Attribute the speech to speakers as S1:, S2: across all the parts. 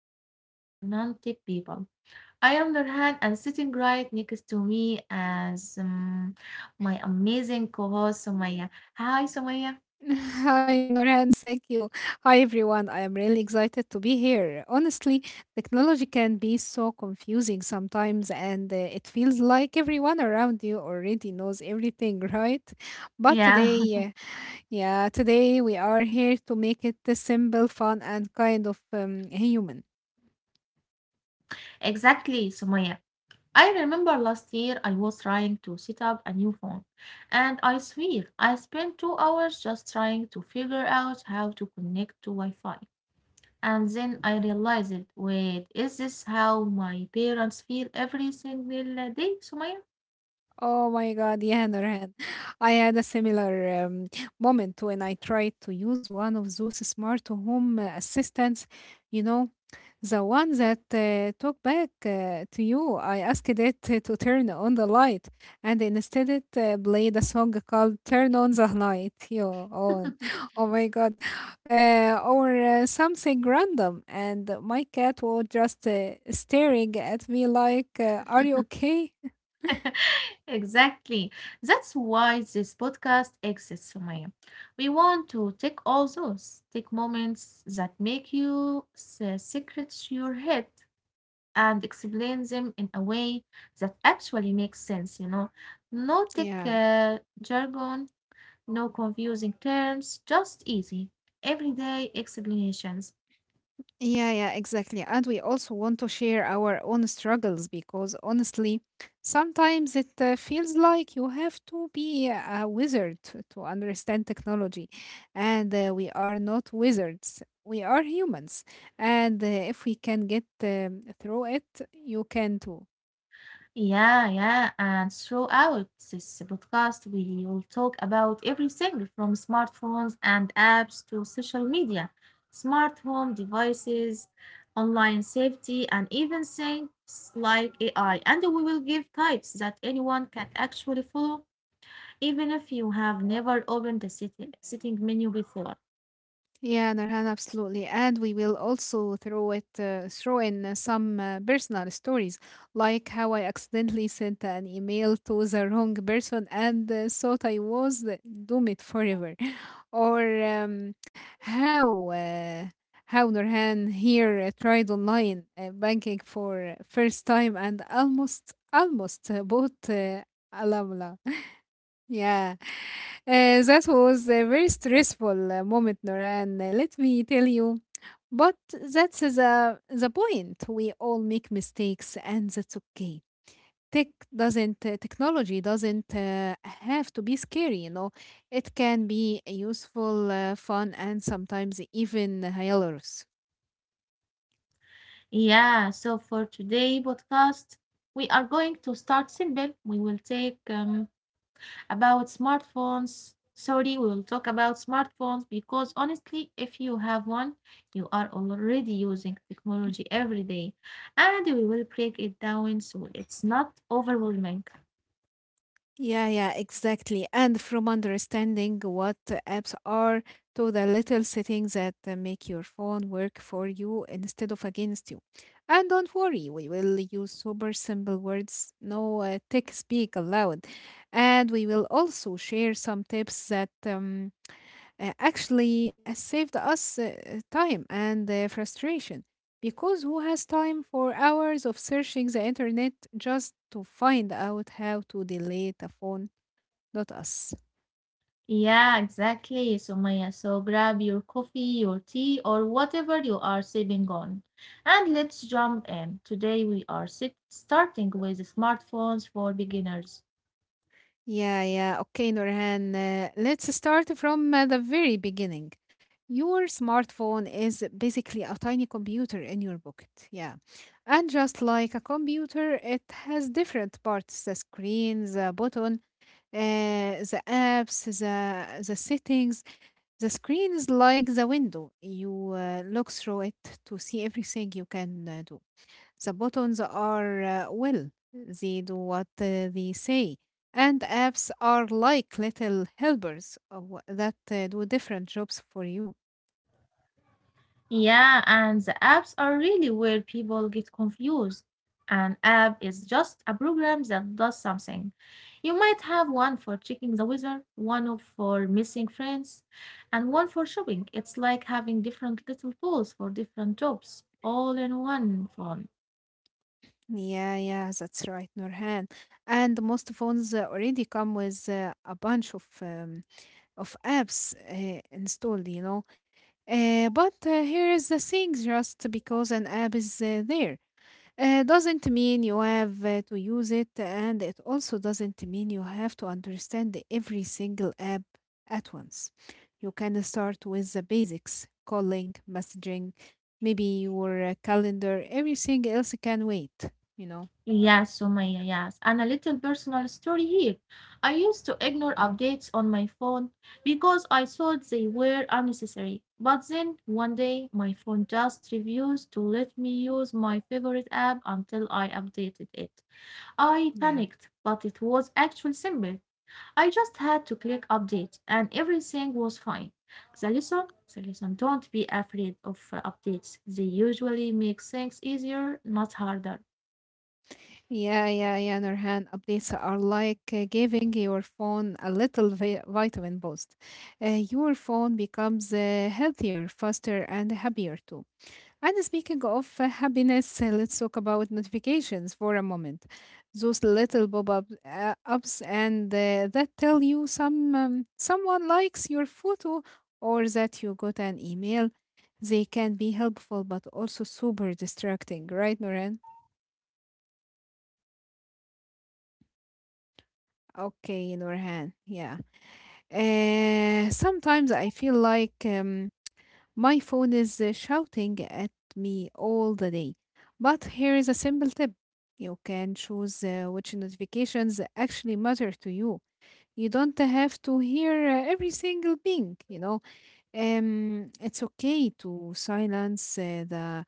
S1: technology for non tech people. I am Nurhan, and sitting right next to me as my amazing co host, Somaya. Hi, Somaya.
S2: Hi, Norhan. Thank you. Hi, everyone. I am really excited to be here. Honestly, technology can be so confusing sometimes, and it feels like everyone around you already knows everything, right? But
S1: Yeah,
S2: today, yeah, today we are here to make it simple, fun, and kind of human.
S1: exactly, Somaya. I remember last year I was trying to set up a new phone, and I swear I spent 2 hours just trying to figure out how to connect to Wi Fi. And then I realized, wait, is this how my parents feel every single day, Sumaya?
S2: Oh my God, yeah, Nurhan. I had a similar moment when I tried to use one of those smart home assistants, you know, the one that talk back to you. I asked it to turn on the light, and instead it played a song called Turn on the Light. Yo, on. Oh my God. Or something random. And my cat was just staring at me like, are you okay?
S1: Exactly. That's why this podcast exists, Sumaya. We want to take take moments that make you secret to your head and explain them in a way that actually makes sense, you know. No tech
S2: Yeah.
S1: jargon, no confusing terms, just easy, everyday explanations.
S2: Yeah, yeah, exactly. And we also want to share our own struggles because honestly, sometimes it feels like you have to be a wizard to understand technology. And we are not wizards, we are humans. And if we can get through it, you can too.
S1: Yeah, yeah. And throughout this podcast, we will talk about everything from smartphones and apps
S2: Mm.
S1: to social media, smart home devices, online safety, and even things like AI. And we will give types that anyone can actually follow, even if you have never opened the sitting menu before.
S2: Yeah, Nurhan, absolutely. And we will also throw in some personal stories, like how I accidentally sent an email to the wrong person and thought doomed forever, or how uh, how Nurhan here tried online banking for first time and almost bought a yeah, that was a very stressful moment, Noran. Let me tell you. But that's the point. We all make mistakes, and that's okay. Tech technology doesn't have to be scary, you know. It can be useful, fun, and sometimes even hilarious.
S1: Yeah, so for today podcast, we are going to start simple. We will take about smartphones. Sorry, we will talk about smartphones because honestly, if you have one, you are already using technology every day. And we will break it down so it's not overwhelming.
S2: Yeah, yeah, exactly. And from understanding what apps are to the little settings that make your phone work for you instead of against you. And don't worry, we will use super simple words, no tech speak allowed. And we will also share some tips that actually saved us time and frustration. Because who has time for hours of searching the internet just to find out how to delete a phone Dot us.
S1: Yeah, exactly, Sumaya. So grab your coffee, your tea, or whatever you are sipping on. And let's jump in. Today we are starting with smartphones for beginners.
S2: Yeah, yeah. Okay, Nurhan. Let's start from the very beginning. Your smartphone is basically a tiny computer in your pocket. Yeah. And just like a computer, it has different parts, the screen, the button, the apps, the settings. The screen is like the window. You look through it to see everything you can do. The buttons are uh, will, they do what they say. And apps are like little that do different jobs for you.
S1: Yeah, and the apps are really where people get confused. An app is just a program that does something. You might have one for checking the weather, for missing friends, and one for shopping. It's like having different little tools for different jobs, all in one phone.
S2: Yeah, yeah, that's right, Nurhan. And most phones already come with a bunch of apps installed, you know. But here is the thing: just because an app is there, doesn't mean you have to use it, and it also doesn't mean you have to understand every single app at once. You can start with the basics calling, messaging, maybe your calendar, everything else can wait, you know.
S1: Yes, Sumaya, yes. And a little personal story here. I used to ignore updates on my phone because I thought they were unnecessary. But then one day, my phone just refused to let me use my favorite app until I updated it. I
S2: Yeah.
S1: panicked, but it was actually simple. I just had to click update and everything was fine. The lesson, the lesson, don't be afraid of updates. They usually make things easier, not harder.
S2: Yeah, yeah, yeah, Nurhan. Updates are like giving your phone a little vitamin boost. Your phone becomes healthier, faster, and happier too. And speaking of happiness, let's talk about notifications for a moment. Those little pop-up ups and that tell you someone likes your photo or that you got an email. They can be helpful but also super distracting, right, Noran? Okay, Norhan. Yeah. Sometimes I feel like my phone is shouting at me all the day. But here is a simple tip, you can choose which notifications actually matter to you. You don't have to hear every single ping, you know. It's okay to silence the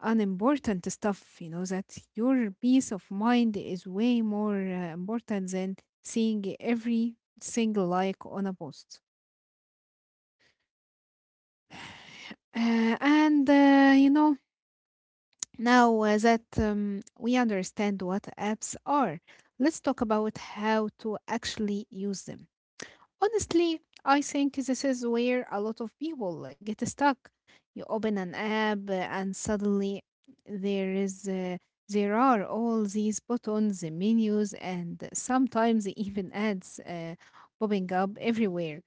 S2: unimportant stuff, you know, that your peace of mind is way more important than seeing every single like on a post. Uh, and, uh, you know, Now that we understand what apps are, let's talk about how to actually use them. Honestly, I think this is where a lot of people get stuck. You open an app and suddenly there is uh, there are all these buttons, the menus, and sometimes even ads popping up everywhere.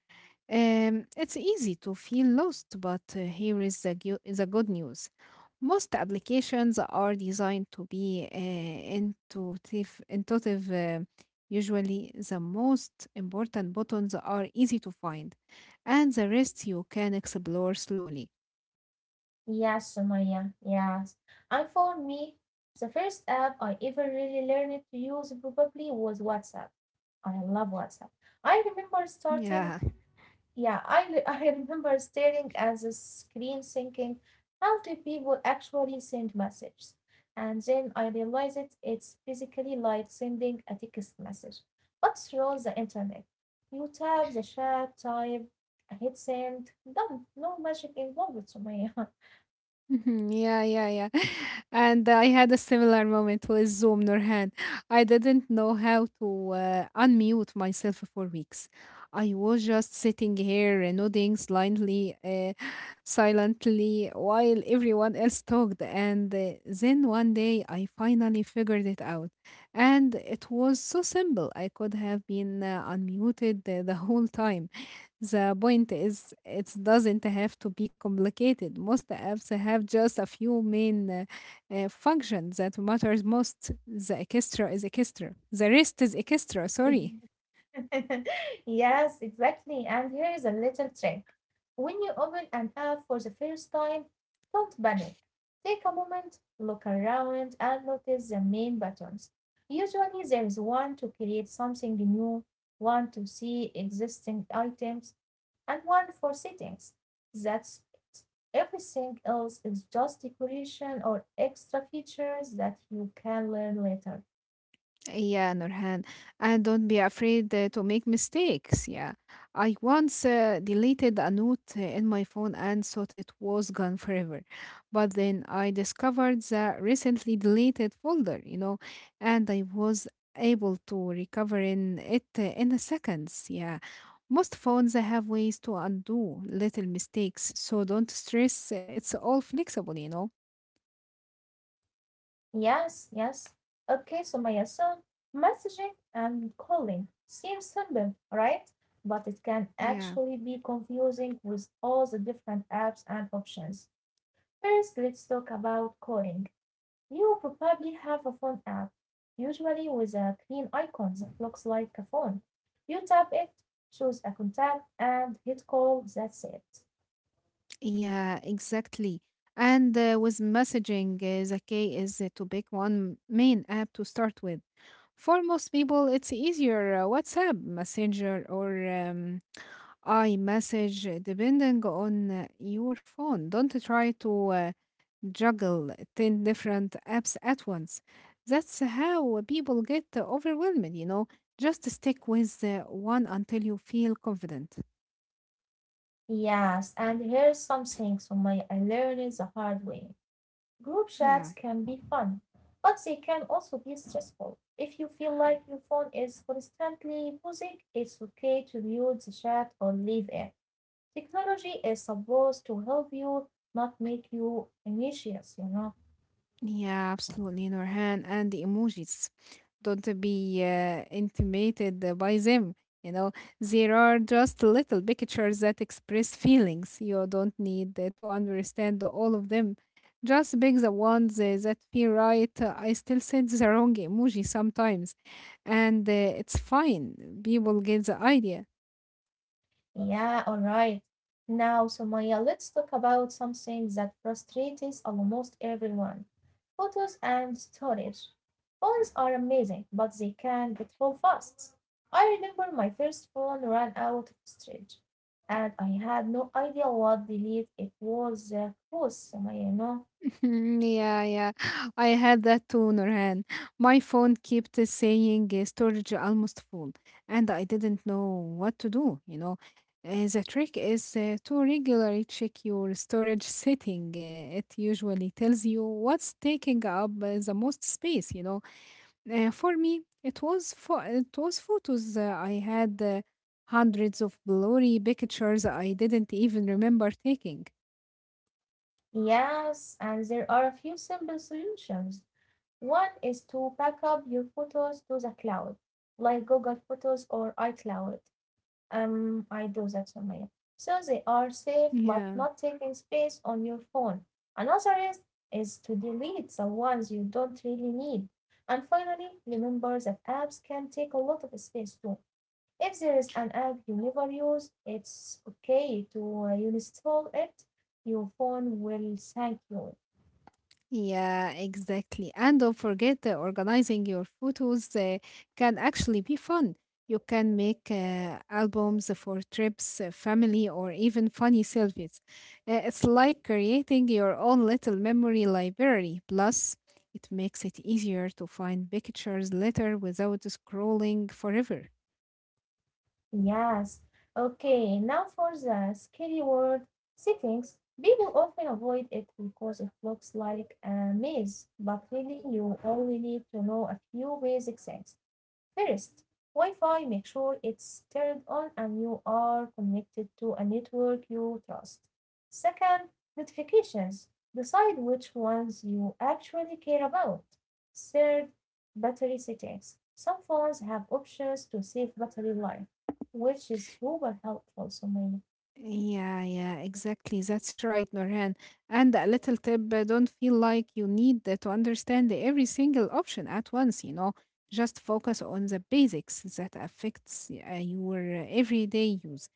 S2: It's easy to feel lost, but here is the, gu- the good news. Most applications are designed to be intuitive, usually the most important buttons are easy to find, and the rest you can explore slowly.
S1: Yes, Sumaya, yes. And for me, the first app I ever really learned to use probably was WhatsApp. I love WhatsApp. I remember starting,
S2: Yeah,
S1: yeah, I remember staring at the screen thinking, how do people actually send messages? And then I realized, it's basically like sending a text message, but through the internet. You tap the chat, type, hit send, done. No magic involved, Sumaya.
S2: mhm, yeah, yeah, yeah. And I had a similar moment with Zoom, Nurhan. I didn't know how to unmute myself for weeks. I was just sitting here and nodding blindly, silently, while everyone else talked. And then one day I finally figured it out. And it was so simple. I could have been unmuted the whole time. The point is, it doesn't have to be complicated. Most apps have just a few main functions that matters most. The extra is extra. The rest is extra. Sorry.
S1: yes, exactly. And here is a little trick. When you open an app for the first time, don't panic. Take a moment, look around, and notice the main buttons. Usually, there is one to create something new, one to see existing items, and one for settings. That's it. Everything else is just decoration or extra features that you can learn later.
S2: Yeah, Nurhan, and don't be afraid to make mistakes. Yeah, I once deleted a note in my phone and thought it was gone forever, but then I discovered the recently deleted folder, you know, and I was able to recover in it in a seconds. Yeah, most phones have ways to undo little mistakes, so don't stress. It's all flexible, you know.
S1: Yes, yes. Okay, so Maya-san, messaging and calling seems simple, right? But it can
S2: Yeah.
S1: actually be confusing with all the different apps and options. First, let's talk about calling. You probably have a phone app, usually with a green icon that looks like a phone. You tap it, choose a contact, and hit call. That's it.
S2: Yeah, exactly. And with messaging, the key is to pick one main app to start with. For most people, it's easier WhatsApp, Messenger, or iMessage, depending on your phone. Don't try to juggle 10 different apps at once. That's how people get overwhelmed, you know. Just stick with one until you feel confident.
S1: Yes, and here's something, Sumaya, I learned the hard way. Group chats
S2: Yeah.
S1: can be fun, but they can also be stressful. If you feel like your phone is constantly buzzing, it's okay to mute the chat or leave it. Technology is supposed to help you, not make you anxious, you know.
S2: Yeah, absolutely, Nurhan. And the emojis. Don't be intimidated by them. You know, there are just little pictures that express feelings. You don't need to understand all of them. Just pick the ones that feel right. I still send the wrong emoji sometimes, and it's fine. People get the idea.
S1: Yeah, all right. Now, Somaya, let's talk about something that frustrates almost everyone: photos and storage. Phones are amazing, but they can get full fast. I remember my first phone ran out of storage, and I had no idea what delete it was caused, Somaya, you know.
S2: Mm, yeah, yeah. I had that too, Nurhan. My phone kept saying storage almost full, and I didn't know what to do, you know. The trick is to regularly check your storage setting. It usually tells you what's taking up the most space, you know. For me, it was photos. I had hundreds of blurry pictures I didn't even remember taking.
S1: Yes, and there are a few simple solutions. One is to back up your photos to the cloud, like Google Photos or iCloud. I do that somewhere. So they are safe but
S2: Yeah.
S1: not taking space on your phone. Another is to delete the ones you don't really need. And finally, remember that apps can take a lot of space too. If there is an app you never use, it's okay to uninstall it. Your phone will thank you.
S2: Yeah, exactly. And don't forget organizing your photos can actually be fun. You can make albums for trips, family, or even funny selfies. It's like creating your own little memory library. Plus, it makes it easier to find pictures later without scrolling forever.
S1: Yes. Okay, now for the scary word: settings. People often avoid it because it looks like a maze, but really you only need to know a few basic things. First, Wi Fi, make sure it's turned on and you are connected to a network you trust. Second, notifications. Decide which ones you actually care about. Third, battery settings. Some phones have options to save battery life, which is super helpful, Sumaya.
S2: Yeah, yeah, exactly. That's right, Norhan. And a little tip, don't feel like you need to understand every single option at once, you know. Just focus on the basics that affects your everyday use.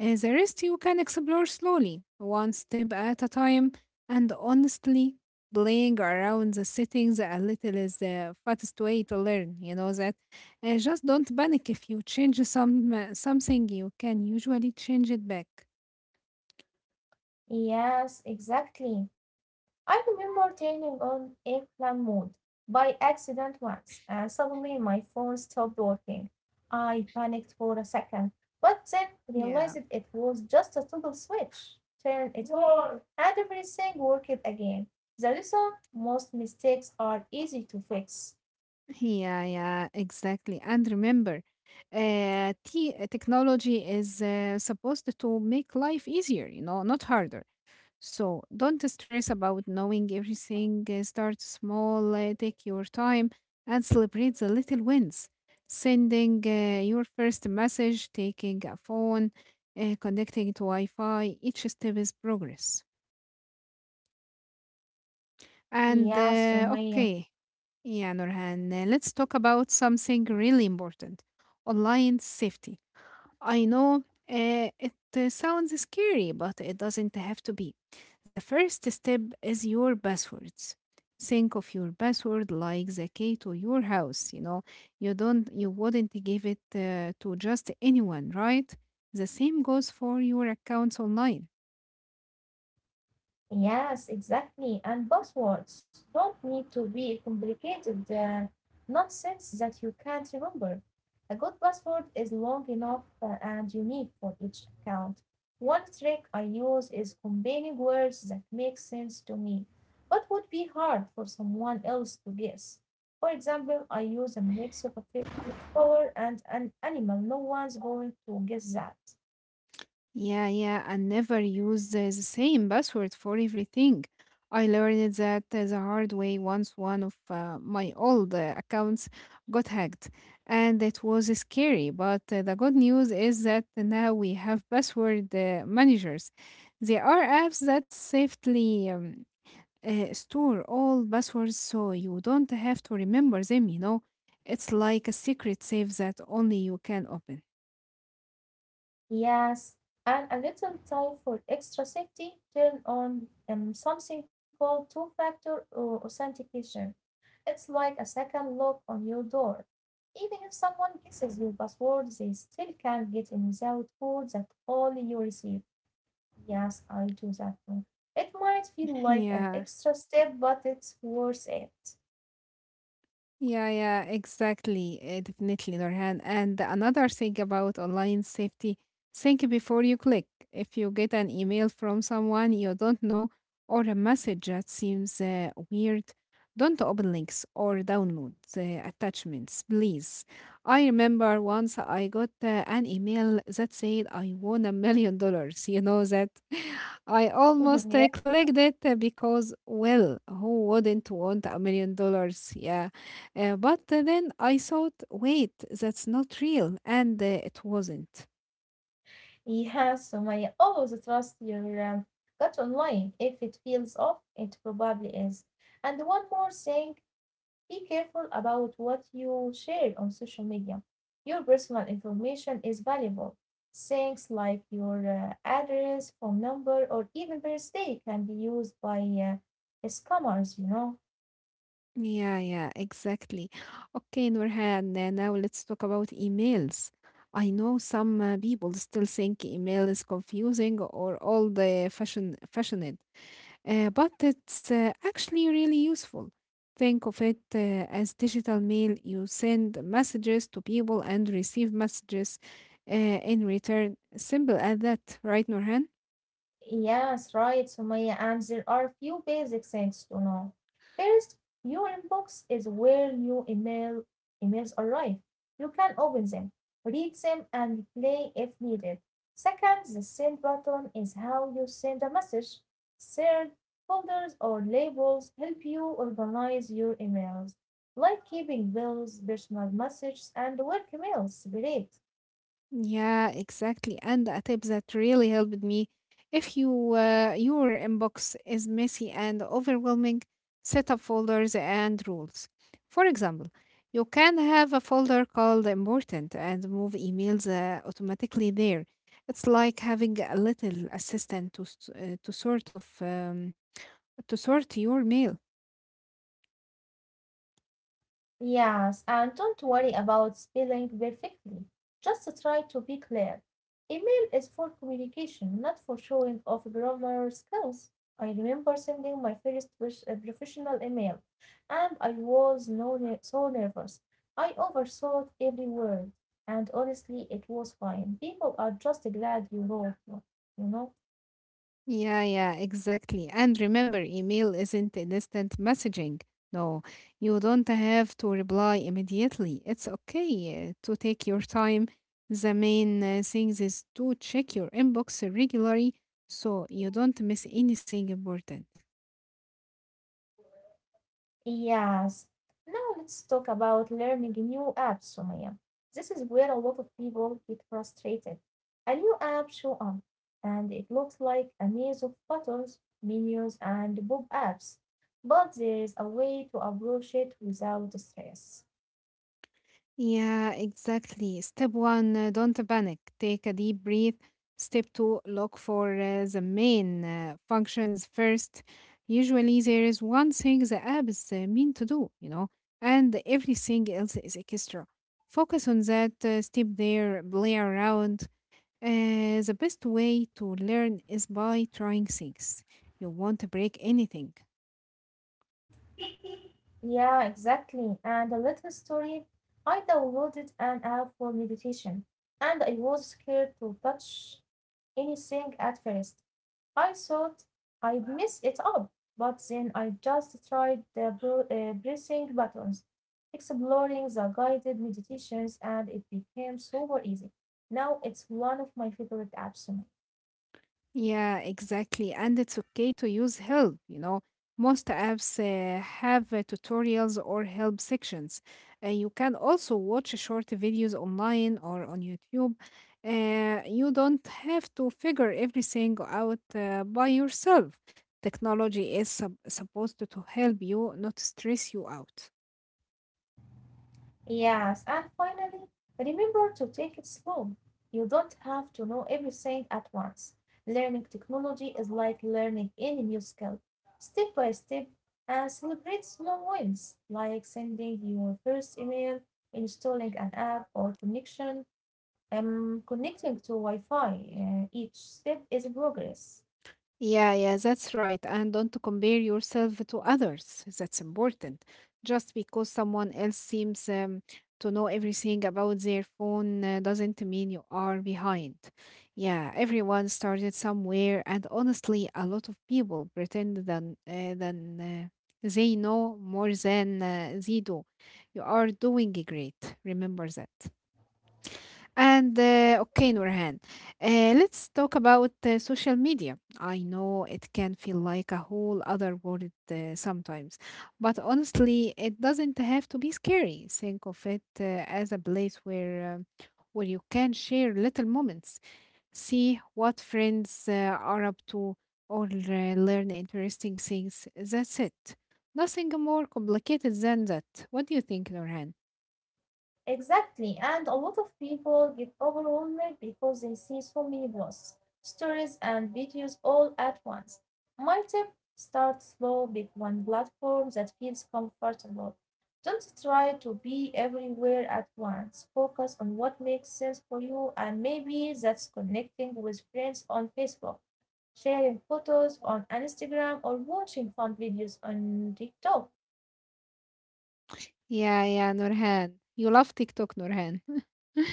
S2: The rest you can explore slowly, one step at a time, and honestly, playing around the settings a little is the fastest way to learn, you know that. Just don't panic if you change something, you can usually change it back.
S1: Yes, exactly. I remember turning on airplane mode by accident once, and suddenly my phone stopped working. I panicked for a second, but then realized
S2: Yeah,
S1: it was just a toggle switch. Turn it on, and everything worked again. The lesson: most mistakes are easy to fix.
S2: yeah, yeah, exactly. And remember, technology is supposed to make life easier, you know, not harder. So don't stress about knowing everything. Start small, take your time, and celebrate the little wins. Sending your first message, taking a phone, connecting to Wi Fi, each step is progress.
S1: Yes,
S2: And
S1: Sumaya.
S2: uh, okay, Yeah, Nurhan, let's talk about something really important, online safety. I know it sounds scary, but it doesn't have to be. The first step is your passwords. Think of your password like the key to your house, you know. You wouldn't give it to just anyone, right? The same goes for your accounts online.
S1: Yes, exactly. And passwords don't need to be complicated nonsense that you can't remember. A good password is long enough and unique for each account. One trick I use is combining words that make sense to me, but would be hard for someone else to guess. For example, I use a mix of a flower and an animal. No one's going to guess that.
S2: Yeah, yeah, and never use the same password for everything. I learned that the hard way once, one of my old accounts got hacked, and it was scary. But the good news is that now we have password managers. There are apps that safely store all passwords so you don't have to remember them, you know. It's like a secret safe that only you can open.
S1: Yes, and a little time for extra safety, turn on something called two-factor authentication. It's like a second lock on your door. Even if someone guesses your password, they still can't get in without code that only you receive. Yes, I do that too. It might feel like an
S2: Yeah.
S1: extra step, but it's worth it.
S2: Yeah, yeah, exactly. Definitely, Norhan. And another thing about online safety, think before you click. If you get an email from someone you don't know or a message that seems weird, don't open links or download the attachments, please. I remember once I got an email that said I won $1 million. You know that? I almost
S1: Yeah.
S2: clicked it because, well, who wouldn't want $1 million? Yeah, but then I thought, wait, that's not real. And it wasn't.
S1: Yeah, Sumaya, always trust your gut online. If it feels off, it probably is. And one more thing, be careful about what you share on social media. Your personal information is valuable. Things like your address, phone number, or even birthday can be used by scammers, you know.
S2: Yeah, yeah, exactly. Okay, Nurhan, now let's talk about emails. I know some people still think email is confusing or old fashioned, but it's actually really useful. Think of it as digital mail. You send messages to people and receive messages in return. Simple as that, right, Nurhan?
S1: Yes, right, Sumaya, and there are a few basic things to know. First, your inbox is where new emails arrive. You can open them, read them, and reply if needed. Second, the send button is how you send a message. Third, folders or labels help you organize your emails, like keeping bills, personal messages, and work emails separate.
S2: Yeah, exactly. And a tip that really helped me. If your inbox is messy and overwhelming, set up folders and rules. For example, you can have a folder called important and move emails automatically there. It's like having a little assistant to s- to sort of to sort your mail.
S1: Yes, and don't worry about spelling perfectly. Just try to be clear. Email is for communication, not for showing off grammar skills. I remember sending my first professional email, and I was no ne- so nervous. I overthought every word, and honestly, it was fine. People are just glad you wrote, you know.
S2: Yeah, yeah, exactly. And remember, email isn't instant messaging. No, you don't have to reply immediately. It's okay to take your time. The main thing is to check your inbox regularly so you don't miss anything important.
S1: Yes. Now let's talk about learning new apps, Sumaya. This is where a lot of people get frustrated. A new app show up, and it looks like a maze of buttons, menus, and pop-ups. But there is a way to approach it without stress.
S2: Yeah, exactly. Step one, don't panic. Take a deep breath. Step two, look for the main functions first. Usually, there is one thing the app is meant to do, you know, and everything else is extra. Focus on that, step there, play around. The best way to learn is by trying things. You won't break anything.
S1: Yeah, exactly. And a little story. I downloaded an app for meditation, and I was scared to touch anything at first. I thought I'd mess it up, but then I just tried the pressing buttons, exploring the guided meditations, and it became super easy. Now it's one of my favorite apps to make.
S2: Yeah, exactly. And it's okay to use help, you know. Most apps have tutorials or help sections. You can also watch short videos online or on YouTube. You don't have to figure everything out by yourself. Technology is supposed to help you, not stress you out.
S1: Yes, and finally, remember to take it slow. You don't have to know everything at once. Learning technology is like learning any new skill, step by step, and celebrate small wins, like sending your first email, installing an app or connection, connecting to Wi Fi. Each step is progress.
S2: Yeah, yeah, that's right. And don't compare yourself to others. That's important. Just because someone else seems to know everything about their phone doesn't mean you are behind. Yeah, everyone started somewhere, and honestly, a lot of people pretend than they know more than they do. You are doing great. Remember that. And okay, Nurhan, let's talk about social media. I know it can feel like a whole other world sometimes, but honestly, it doesn't have to be scary. Think of it as a place where you can share little moments, see what friends are up to, or learn interesting things. That's it. Nothing more complicated than that. What do you think, Nurhan?
S1: Exactly, and a lot of people get overwhelmed because they see so many posts, stories, and videos all at once. My tip: start slow with one platform that feels comfortable. Don't try to be everywhere at once. Focus on what makes sense for you, and maybe that's connecting with friends on Facebook, sharing photos on Instagram, or watching fun videos on TikTok.
S2: Yeah, yeah, Nurhan. You love TikTok, Nurhan.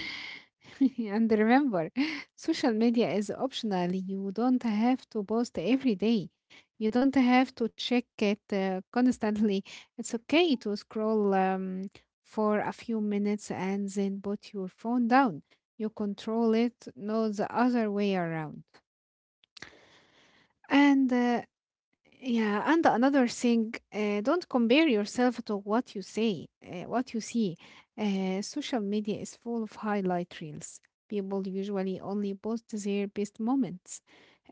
S2: And remember, social media is optional. You don't have to post every day. You don't have to check it constantly. It's okay to scroll for a few minutes and then put your phone down. You control it, not the other way around. And yeah, and another thing, don't compare yourself to what you what you see. Social media is full of highlight reels. People usually only post their best moments,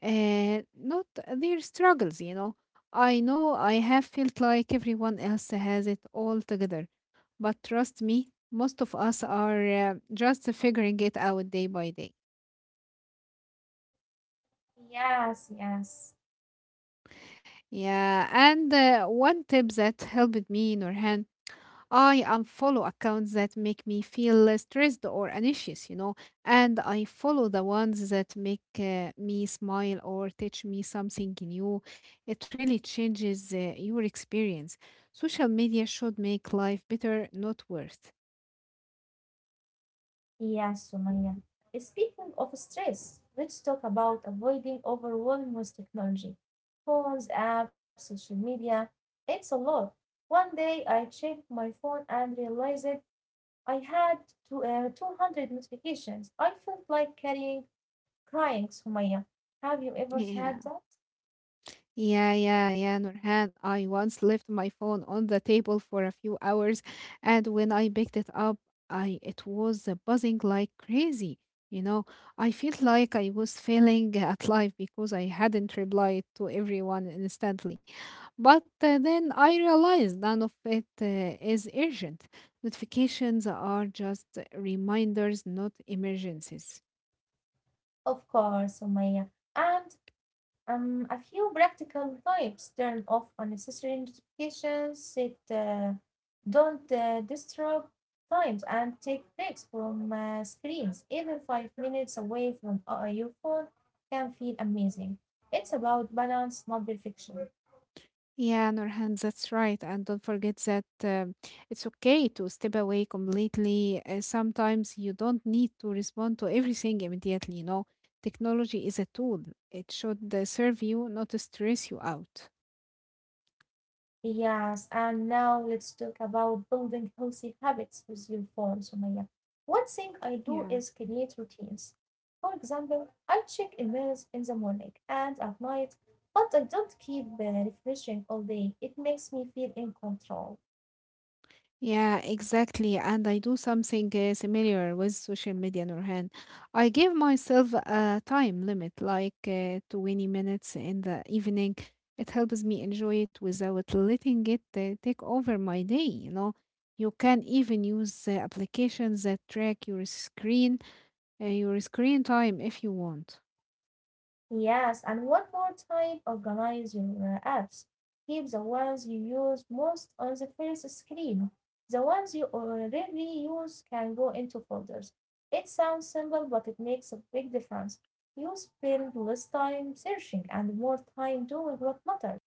S2: not their struggles, you know. I know I have felt like everyone else has it all together, but trust me, most of us are just figuring it out day by day.
S1: Yes, yes.
S2: Yeah, and one tip that helped me, Nurhan, I unfollow accounts that make me feel stressed or anxious, you know, and I follow the ones that make me smile or teach me something new. It really changes your experience. Social media should make life better, not worse.
S1: Yes, Sumaya. Speaking of stress, let's talk about avoiding overwhelm with technology. Phones, apps, social media, it's a lot. One day I checked my phone and realized I had 200 notifications. I felt like crying, Sumaya. Have you ever
S2: Yeah.
S1: had that?
S2: Yeah, yeah, yeah, Nurhan. I once left my phone on the table for a few hours, and when I picked it up, I it was buzzing like crazy. You know, I felt like I was failing at life because I hadn't replied to everyone instantly. But then I realized none of it is urgent. Notifications are just reminders, not emergencies.
S1: Of course, Sumaya. And a few practical tips: turn off unnecessary notifications, set don't disturb times, and take breaks from screens. Even 5 minutes away from your phone can feel amazing. It's about balance, not perfection.
S2: Yeah, Nurhan, that's right. And don't forget that it's okay to step away completely. Sometimes you don't need to respond to everything immediately, you know. Technology is a tool. It should serve you, not to stress you out.
S1: Yes, and now let's talk about building healthy habits with your phone, Sumaya. One thing I do is
S2: Yeah.
S1: create routines. For example, I check emails in the morning and at night, but I don't keep refreshing all day. It makes me feel in control.
S2: Yeah, exactly. And I do something similar with social media, Nurhan. I give myself a time limit, like 20 minutes in the evening. It helps me enjoy it without letting it take over my day. You know, you can even use applications that track your screen time if you want.
S1: Yes, and one more time, organize your apps. Keep the ones you use most on the first screen. The ones you already use can go into folders. It sounds simple, but it makes a big difference. You spend less time searching and more time doing what matters.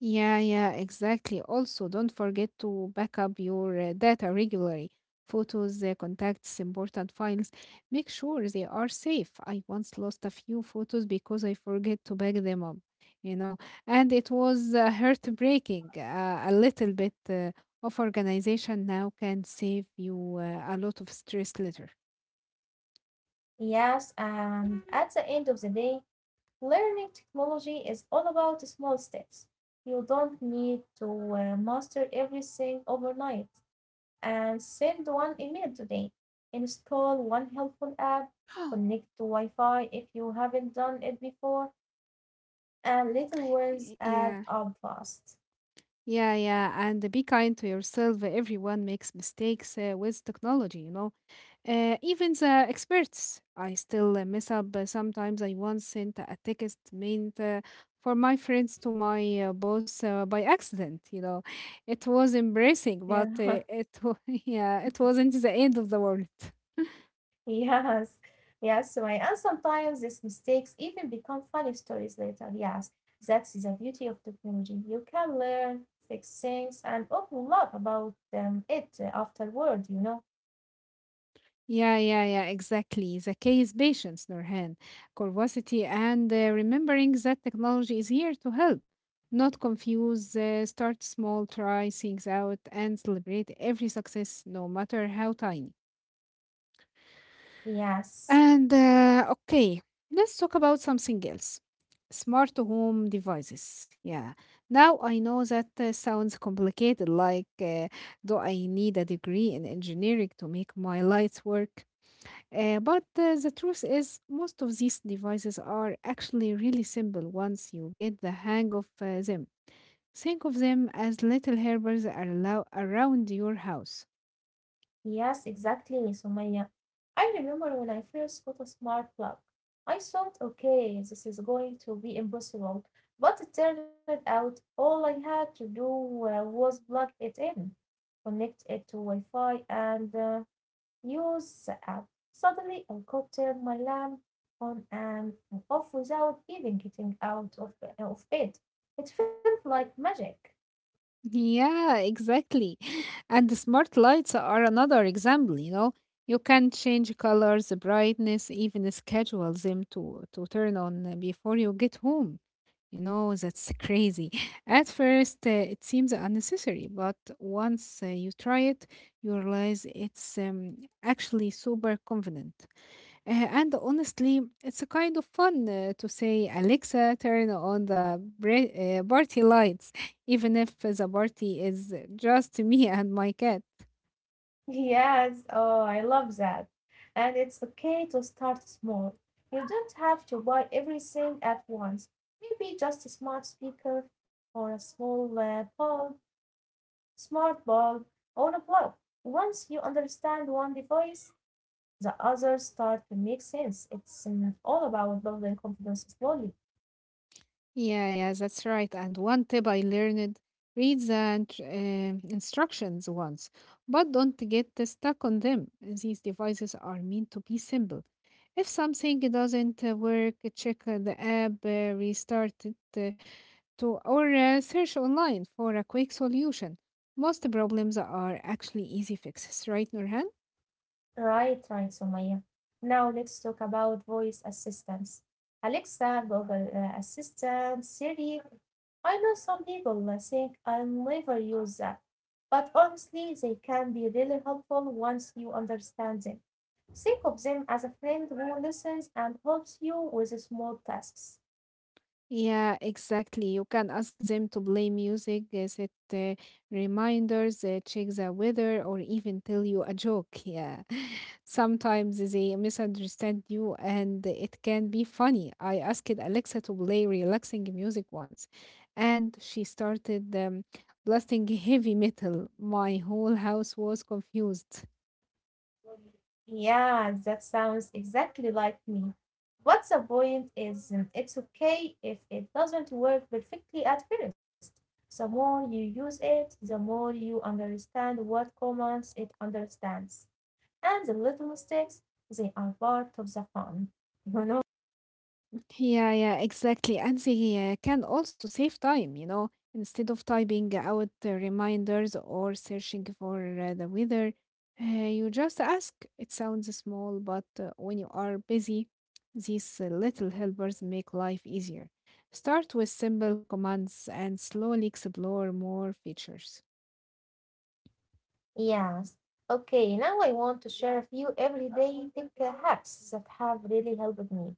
S2: Yeah, yeah, exactly. Also, don't forget to back up your data regularly. Photos, contacts, important files. Make sure they are safe. I once lost a few photos because I forget to back them up, you know, and it was heartbreaking. A little bit of organization now can save you a lot of stress later.
S1: Yes, and at the end of the day, learning technology is all about small steps. You don't need to master everything overnight. And send one email today. Install one helpful app, connect to Wi Fi if you haven't done it before, and little words add
S2: Yeah,
S1: up fast.
S2: yeah, yeah. And be kind to yourself. Everyone makes mistakes with technology, you know. Even the experts, I still mess up. Sometimes I once sent a text meant for my friends to my boss by accident. You know, it was embarrassing,
S1: Yeah,
S2: but yeah, it wasn't the end of the world.
S1: yes, yes, right. And sometimes these mistakes even become funny stories later. Yes, that's the beauty of technology. You can learn, fix things, and open up about it afterward, you know.
S2: Yeah, yeah, yeah, exactly. The key is patience, Nurhan, curiosity, and remembering that technology is here to help. Not confuse, start small, try things out, and celebrate every success, no matter how tiny.
S1: Yes.
S2: And okay, let's talk about something else. Smart home devices. Yeah. Now I know that sounds complicated. Like, do I need a degree in engineering to make my lights work? But the truth is, most of these devices are actually really simple once you get the hang of them. Think of them as little helpers around your house.
S1: Yes, exactly, Sumaya. I remember when I first got a smart plug. I thought, okay, this is going to be impossible. But it turned out all I had to do was plug it in, connect it to Wi Fi, and use the app. Suddenly, I could turn my lamp on and off without even getting out of bed. It felt like magic.
S2: Yeah, exactly. And the smart lights are another example, you know. You can change colors, brightness, even schedule them to turn on before you get home. You know, that's crazy. At first, it seems unnecessary, but once you try it, you realize it's actually super convenient. Uh, and honestly, it's a kind of fun to say, Alexa, turn on the party lights, even if the party is just me and my cat.
S1: Yes, oh, I love that. And it's okay to start small. You don't have to buy everything at once. Maybe just a smart speaker or a small bulb, smart bulb, or a plug. Once you understand one device, the others start to make sense. It's all about building confidence slowly.
S2: Yeah, yeah, that's right. And one tip I learned, read the instructions once, but don't get stuck on them. These devices are meant to be simple. If something doesn't work, check the app, restart it, or search online for a quick solution. Most problems are actually easy fixes, right, Nurhan?
S1: Right, right, Sumaya. Now let's talk about voice assistants. Alexa, Google Assistant, Siri. I know some people think I'll never use that, but honestly, they can be really helpful once you understand them. Think of them as a friend who listens and helps you with small tasks.
S2: Yeah, exactly. You can ask them to play music, set reminders, check the weather, or even tell you a joke. Yeah. Sometimes they misunderstand you and it can be funny. I asked Alexa to play relaxing music once, and she started blasting heavy metal. My whole house was confused.
S1: Yeah, that sounds exactly like me. What's the point is, it's okay if it doesn't work perfectly at first. The more you use it, the more you understand what commands it understands. And the little mistakes, they are part of the fun. You know?
S2: Yeah, yeah, exactly. And they can also save time, you know, instead of typing out the reminders or searching for the weather, you just ask. It sounds small, but when you are busy, these little helpers make life easier. Start with simple commands and slowly explore more features.
S1: Yes. Okay, now I want to share a few everyday tech hacks that have really helped me.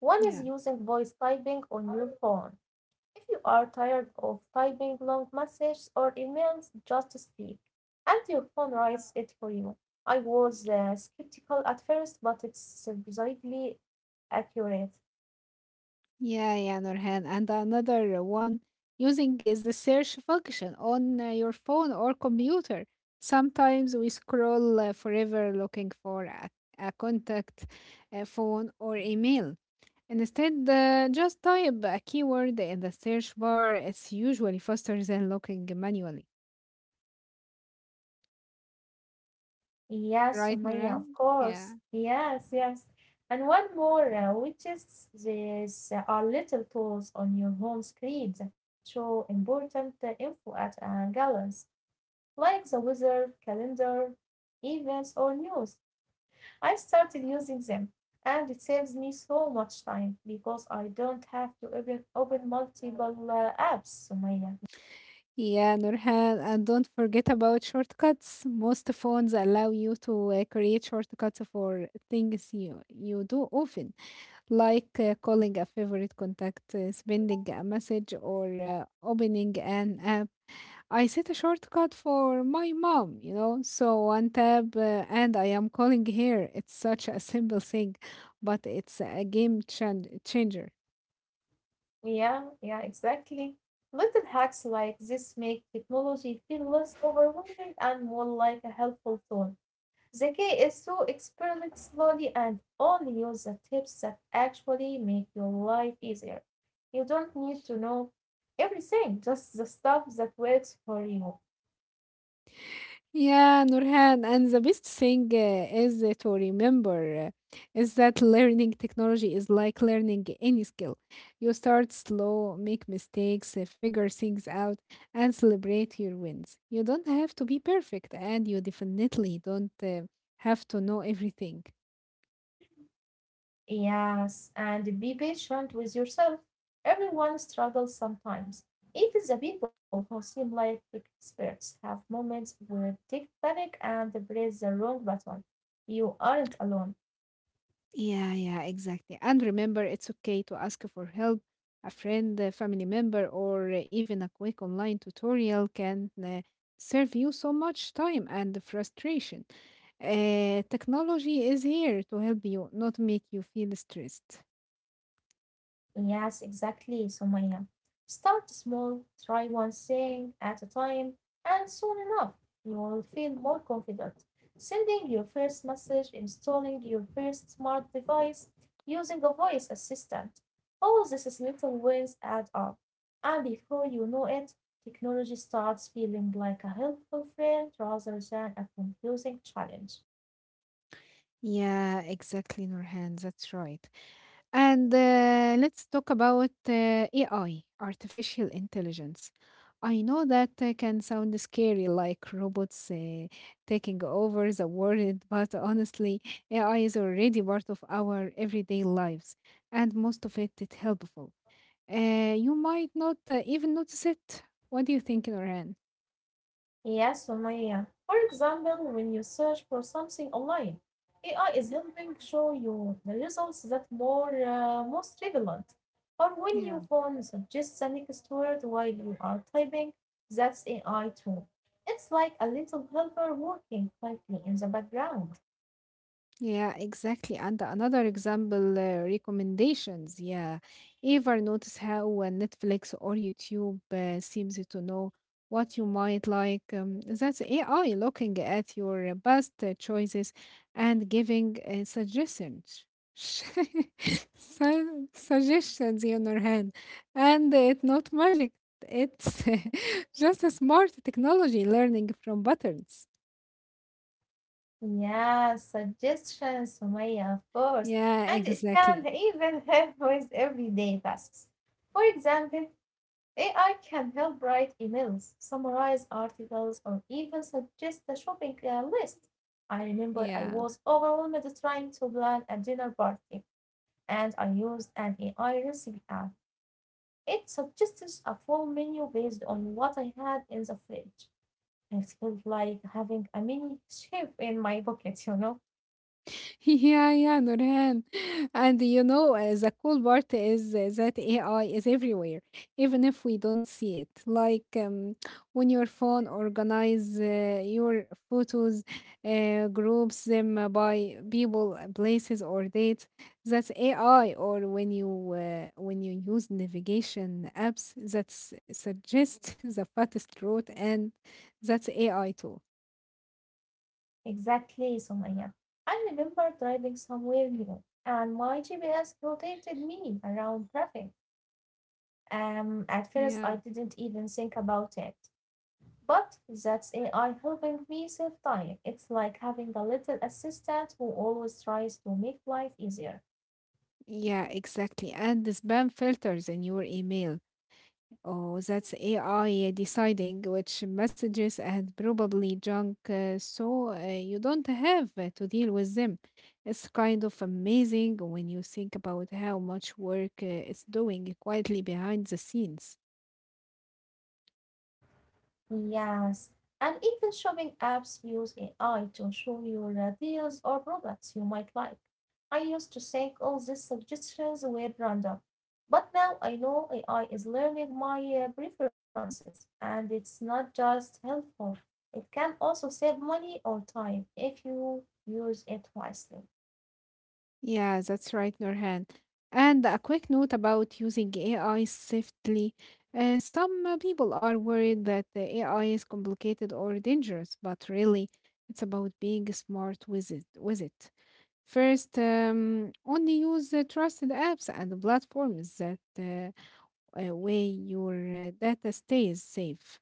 S1: One is
S2: Yeah.
S1: using voice typing on your phone. If you are tired of typing long messages or emails, just speak, and your phone writes it for you. I was skeptical at first, but it's surprisingly accurate.
S2: Yeah, yeah, Nurhan. And another one using is the search function on your phone or computer. Sometimes we scroll forever looking for a contact, a phone, or email. Instead, just type a keyword in the search bar. It's usually faster than looking manually.
S1: Yes,
S2: Right,
S1: Sumaya, of
S2: Nurhan?
S1: course.
S2: Yeah.
S1: Yes, yes. And one more, which is, these are little tools on your home screen that show important info at a glance, like the weather, calendar, events, or news. I started using them, and it saves me so much time, because I don't have to open multiple apps, Sumaya.
S2: Yeah, Nurhan, and don't forget about shortcuts. Most phones allow you to create shortcuts for things you do often, like calling a favorite contact, sending a message, or opening an app. I set a shortcut for my mom, you know, so one tab and I am calling here. It's such a simple thing, but it's a game changer.
S1: Yeah, yeah, exactly. Little hacks like this make technology feel less overwhelming and more like a helpful tool. The key is to experiment slowly and only use the tips that actually make your life easier. You don't need to know everything, just the stuff that works for you.
S2: Yeah, Nurhan, and the best thing is to remember is that learning technology is like learning any skill. You start slow, make mistakes, figure things out, and celebrate your wins. You don't have to be perfect, and you definitely don't have to know everything.
S1: Yes, and be patient with yourself. Everyone struggles sometimes. Even the people who seem like experts have moments where tick panic and press the wrong button. You aren't alone.
S2: Yeah, yeah, exactly. And remember, it's okay to ask for help. A friend, a family member, or even a quick online tutorial can save you so much time and frustration. Technology is here to help you, not make you feel stressed.
S1: Yes, exactly, Sumaya. Start small, try one thing at a time, and soon enough you will feel more confident. Sending your first message, installing your first smart device, using a voice assistant. All these little wins add up. And before you know it, technology starts feeling like a helpful friend rather than a confusing challenge.
S2: Yeah, exactly, Nurhan. That's right. And let's talk about AI, artificial intelligence. I know that can sound scary, like robots taking over the world, but honestly, AI is already part of our everyday lives, and most of it is helpful. You might not even notice it. What do you think, Nurhan?
S1: Yeah, Sumaya. For example, when you search for something online, AI is helping show you the results that more, most relevant. Or when your
S2: Yeah.
S1: phone suggests the next word while you are typing, that's AI too. It's like a little helper working quietly in the background.
S2: Yeah, exactly. And another example, recommendations. Yeah. Ever notice how Netflix or YouTube seems to know what you might like? That's AI looking at your best choices and giving suggestions. Suggestions in your hand. And it's not magic. It's just a smart technology learning from buttons.
S1: Yeah, suggestions, Sumaya, of course.
S2: Yeah,
S1: And it can
S2: exactly.
S1: even help with everyday tasks. For example, AI can help write emails, summarize articles, or even suggest a shopping list. I remember I
S2: Yeah.
S1: was overwhelmed trying to plan a dinner party, and I used an AI recipe app. It suggested a full menu based on what I had in the fridge. It felt like having a mini chef in my pocket, you know?
S2: Yeah, yeah, Nurhan. And you know, the cool part is that AI is everywhere, even if we don't see it. Like when your phone organize your photos, groups them by people, places, or dates. That's AI. Or when you when you use navigation apps that suggest the fastest route, and that's AI too.
S1: Exactly, Somaya. I remember driving somewhere new, and my GPS rotated me around traffic. At first, I
S2: Yeah.
S1: didn't even think about it. But that's AI helping me save time. It's like having a little assistant who always tries to make life easier.
S2: Yeah, exactly. And the spam filters in your email. Oh, that's AI deciding which messages and probably junk, so you don't have to deal with them. It's kind of amazing when you think about how much work it's doing quietly behind the scenes.
S1: Yes, and even shopping apps use AI to show you the deals or products you might like. I used to think all these suggestions were random, but now I know AI is learning my preferences, and it's not just helpful. It can also save money or time if you use it wisely.
S2: Yeah, that's right, Nurhan. And a quick note about using AI safely. Some people are worried that the AI is complicated or dangerous, but really, it's about being smart with it. First, only use trusted apps and platforms that way your data stays safe.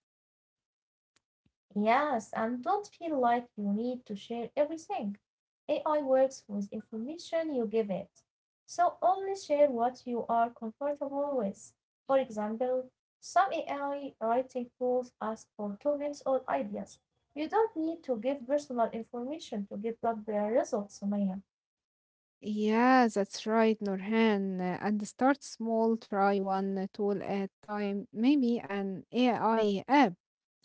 S1: Yes, and don't feel like you need to share everything. AI works with information you give it. So only share what you are comfortable with. For example, some AI writing tools ask for comments or ideas. You don't need to give personal information to get good results, Sumaya.
S2: Yeah, that's right, Nurhan. And start small, try one tool at time, maybe an AI app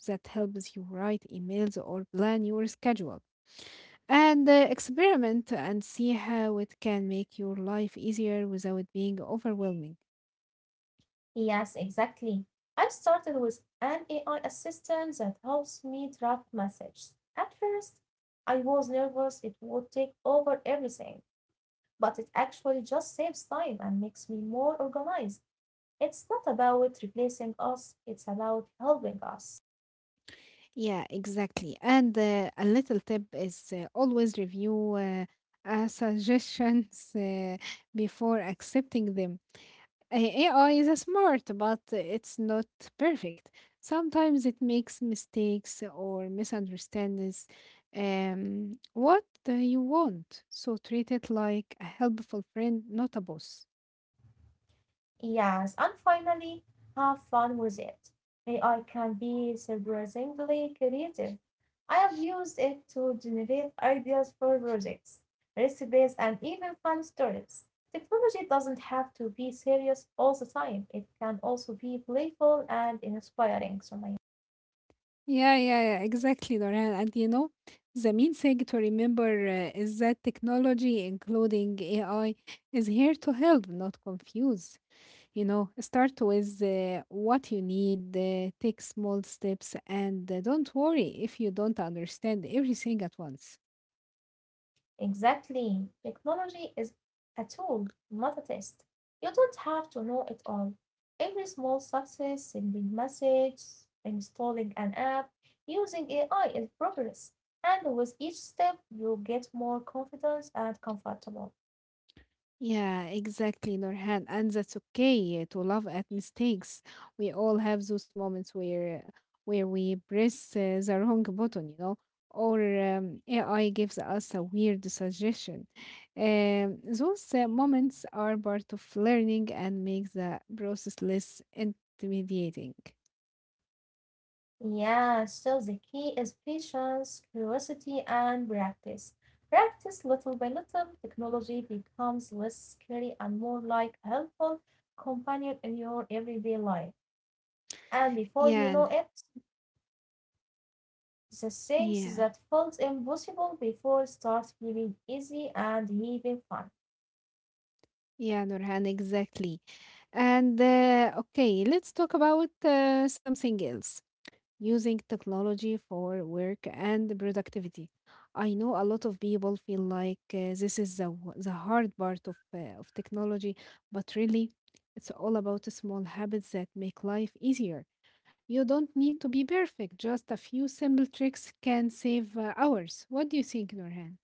S2: that helps you write emails or plan your schedule. And experiment and see how it can make your life easier without being overwhelming.
S1: Yes, exactly. I started with an AI assistant that helps me draft messages. At first, I was nervous it would take over everything, but it actually just saves time and makes me more organized. It's not about replacing us, it's about helping us.
S2: Yeah, exactly. And a little tip is always review suggestions before accepting them. A- AI is smart, but it's not perfect. Sometimes it makes mistakes or misunderstands what you want. So treat it like a helpful friend, not a boss.
S1: Yes, and finally, have fun with it. AI can be surprisingly creative. I have used it to generate ideas for projects, recipes, and even fun stories. Technology doesn't have to be serious all the time. It can also be playful and inspiring, Sumaya.
S2: Yeah, yeah, yeah, exactly, Norhan. And you know, the main thing to remember is that technology, including AI, is here to help, not confuse. You know, start with what you need, take small steps, and don't worry if you don't understand everything at once.
S1: Exactly. Technology is a tool, not a test. You don't have to know it all. Every small success, sending message, installing an app, using AI is progress. And with each step, you get more confident and comfortable.
S2: Yeah, exactly, Nurhan. And that's okay to laugh at mistakes. We all have those moments where we press the wrong button, you know, or AI gives us a weird suggestion. Those moments are part of learning and make the process less intimidating.
S1: Yeah, so the key is patience, curiosity, and practice. Practice little by little, technology becomes less scary and more like a helpful companion in your everyday life. And before you
S2: Yeah,
S1: know it, the things
S2: yeah,
S1: that felt impossible before start feeling easy and even fun.
S2: yeah, Nurhan, exactly. And okay, let's talk about something else, using technology for work and productivity. I know a lot of people feel like this is the hard part of, of technology, but really, it's all about the small habits that make life easier. You don't need to be perfect, just a few simple tricks can save hours. What do you think, Nurhan?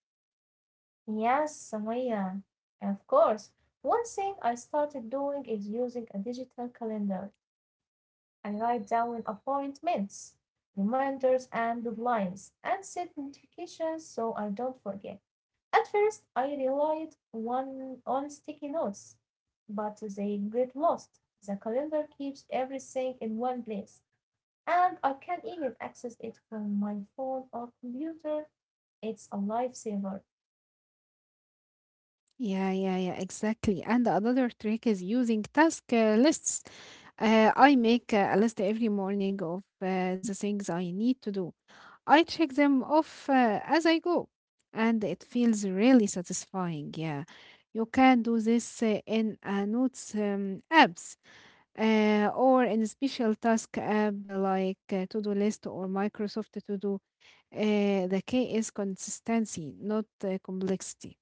S1: Yes, Samaya, of course. One thing I started doing is using a digital calendar. I write down appointments, reminders, and deadlines, and set notifications so I don't forget. At first, I relied one on sticky notes, but they get lost. The calendar keeps everything in one place. And I can even access it from my phone or computer. It's a lifesaver.
S2: Yeah, yeah, yeah, exactly. And another trick is using task lists. I make a list every morning of the things I need to do. I check them off as I go, and it feels really satisfying. Yeah, you can do this in notes apps or in a special task app like To Do List or Microsoft To Do. The key is consistency, not complexity.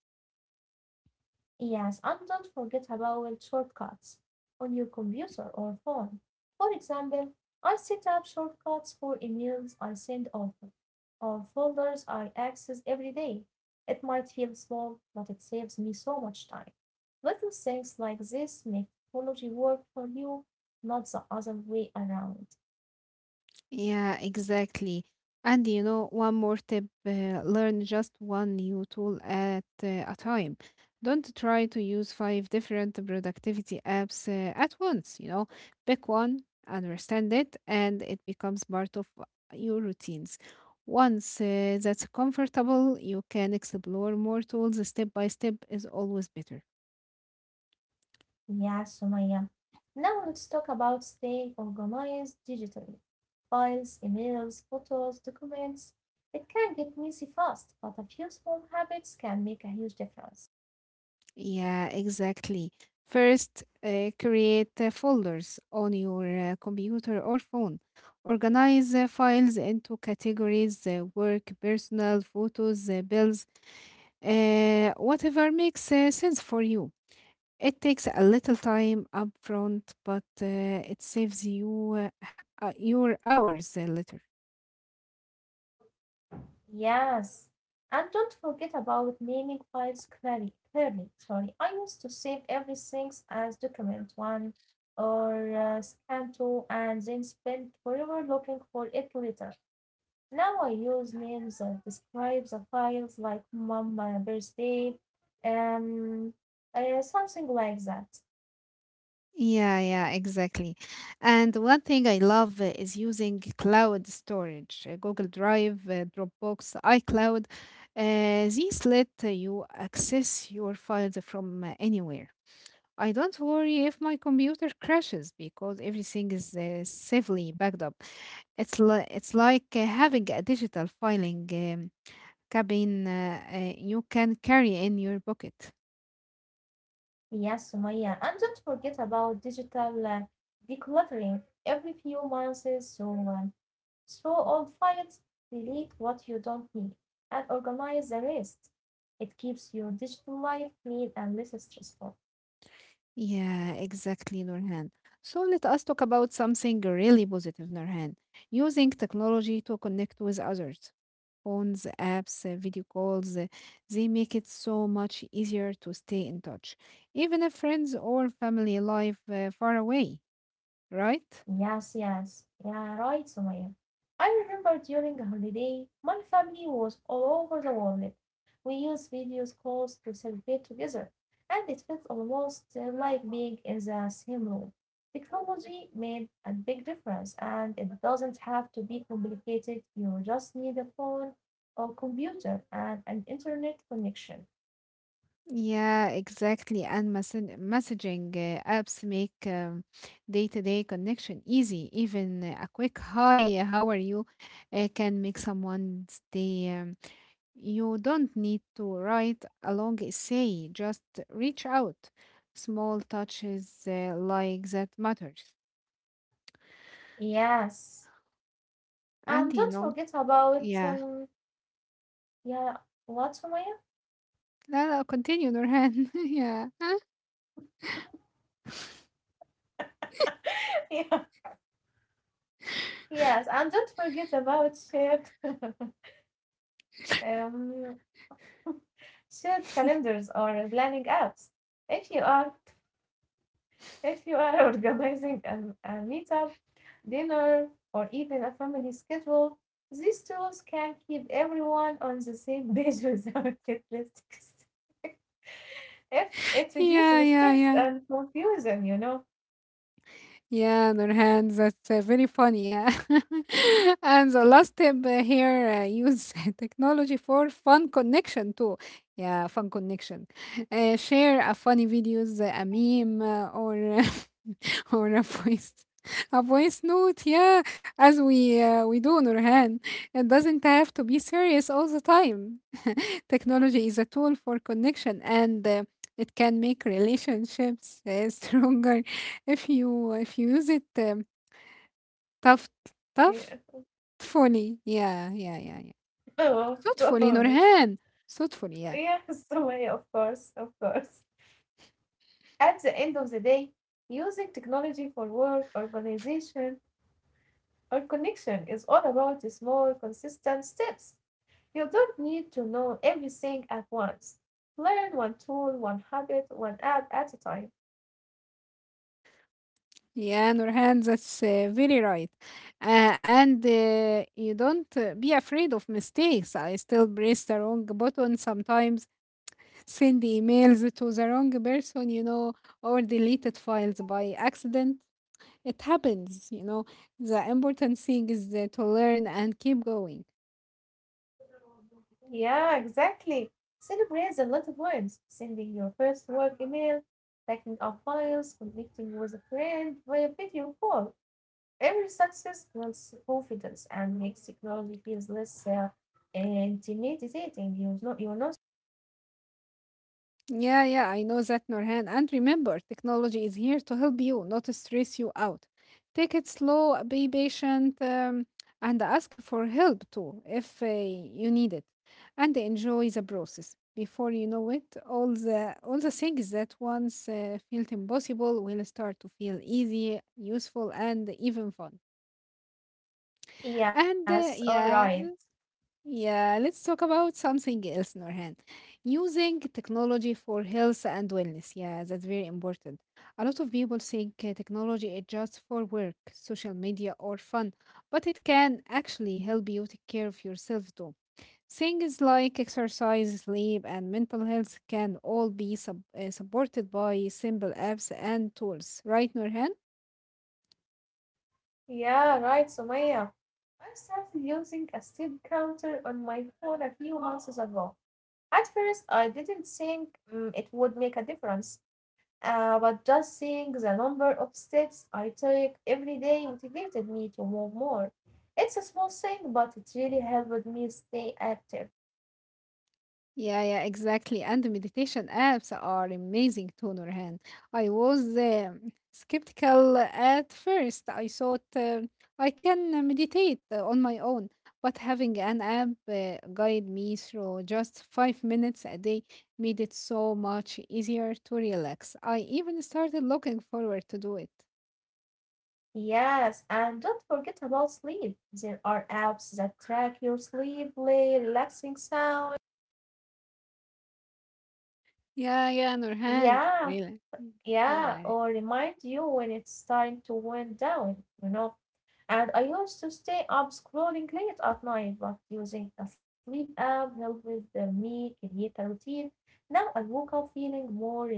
S1: Yes, and don't forget about shortcuts on your computer or phone. For example, I set up shortcuts for emails I send often or folders I access every day. It might feel small, but it saves me so much time. Little things like this make technology work for you, not the other way around.
S2: Yeah, exactly. And you know, one more tip, learn just one new tool at a time. Don't try to use five different productivity apps at once, you know. Pick one, understand it, and it becomes part of your routines. Once that's comfortable, you can explore more tools step by step is always better.
S1: Yeah, Sumaya. Now let's talk about staying organized digitally. Files, emails, photos, documents. It can get messy fast, but a few small habits can make a huge difference.
S2: Yeah, exactly. First, create folders on your computer or phone. Organize files into categories, work, personal, photos, bills, whatever makes sense for you. It takes a little time upfront, but it saves you your hours later.
S1: Yes. And don't forget about naming files clearly. Clearly, sorry. I used to save everything as document one or scan two and then spend forever looking for it later. Now I use names that describe the files, like "Mama birthday," um, something like that.
S2: Yeah, yeah, exactly. And one thing I love is using cloud storage, Google Drive, Dropbox, iCloud. These let you access your files from anywhere. I don't worry if my computer crashes because everything is safely backed up. It's like having a digital filing cabin you can carry in your pocket.
S1: Yes, Sumaya. And don't forget about digital decluttering every few months. So, throw old files, delete what you don't need, and organize the rest. It keeps your digital life clean and less stressful.
S2: Yeah, exactly, Nurhan. So let us talk about something really positive, Nurhan. Using technology to connect with others. Phones, apps, video calls, they make it so much easier to stay in touch, even if friends or family live far away, right?
S1: Yes, yes. Yeah, right, Sumaya. I remember during a holiday, my family was all over the world. We used video calls to celebrate together, and it felt almost like being in the same room. Technology made a big difference, and it doesn't have to be complicated. You just need a phone or computer and an internet connection.
S2: Yeah, exactly. And messaging apps make day-to-day connection easy. Even a quick hi, how are you, can make someone stay. You don't need to write a long essay, just reach out. Small touches like that matters.
S1: Yes.
S2: And
S1: And
S2: you
S1: don't
S2: know,
S1: forget about,
S2: yeah.
S1: yeah, what, Sumaya?
S2: لا لا continue Nurhan. yeah.
S1: yeah. Yes, and don't forget about shared um, shared calendars or planning apps. If you are, organizing a meetup, dinner, or even a family schedule, these tools can keep everyone on the same page without it listics. If it
S2: yeah,
S1: reduces
S2: yeah,
S1: stress
S2: yeah.
S1: and confusion, you know.
S2: Yeah, Nurhan, that's very funny. Yeah. And the last tip here use technology for fun connection too. Yeah, fun connection. Share a funny videos, a meme, or or a voice. A voice note, yeah, as we do, Nurhan. It doesn't have to be serious all the time. Technology is a tool for connection, and it can make relationships stronger if you use it tough
S1: Yeah.
S2: thoughtfully. Yeah, yeah, yeah, yeah.
S1: Oh, of
S2: Thoughtfully,
S1: course.
S2: Nurhan. Thoughtfully, yeah.
S1: Yes, way, of course, of course. At the end of the day, using technology for work, organization, or connection is all about small, consistent steps. You don't need to know everything at once. Learn one tool, one habit, one app at a time.
S2: Yeah, Nurhan, that's very right. And You don't be afraid of mistakes. I still press the wrong button sometimes, send emails to the wrong person, you know, or deleted files by accident. It happens, you know. The important thing is to learn and keep going.
S1: Yeah, exactly. Celebrate the little wins, sending your first work email, backing up files, connecting with a friend via video call. Every success builds confidence and makes technology feels less intimidating. You know, you know.
S2: Yeah, yeah, I know that, Norhan. And remember, technology is here to help you, not to stress you out. Take it slow, be patient, and ask for help too if you need it. And enjoy the process. Before you know it, all the things that once felt impossible will start to feel easy, useful, and even fun. And
S1: Yes, all right.
S2: yeah, yeah, let's talk about something else, Norhan. Using technology for health and wellness. Yeah, that's very important. A lot of people think technology is just for work, social media, or fun, but it can actually help you take care of yourself too. Things like exercise, sleep, and mental health can all be supported by simple apps and tools, right, Norhan?
S1: Yeah, right, Sumaya. I started using a step counter on my phone a few months ago. At first, I didn't think, mm, it would make a difference, but just seeing the number of steps I take every day motivated me to move more. It's a small thing, but it really helped me stay active.
S2: Yeah, yeah, exactly. And the meditation apps are amazing too, Nurhan. I was skeptical at first. I thought I can meditate on my own, but having an app guide me through just 5 minutes a day made it so much easier to relax. I even started looking forward to do it.
S1: Yes, and don't forget about sleep. There are apps that track your sleep, play relaxing sound.
S2: Yeah, yeah, Nurhan.
S1: Yeah,
S2: Really?
S1: yeah,
S2: Yeah.
S1: or remind you when It's time to wind down, And I used to stay up scrolling late at night, but using a sleep app helped with the me create a routine. Now I woke up feeling more rested.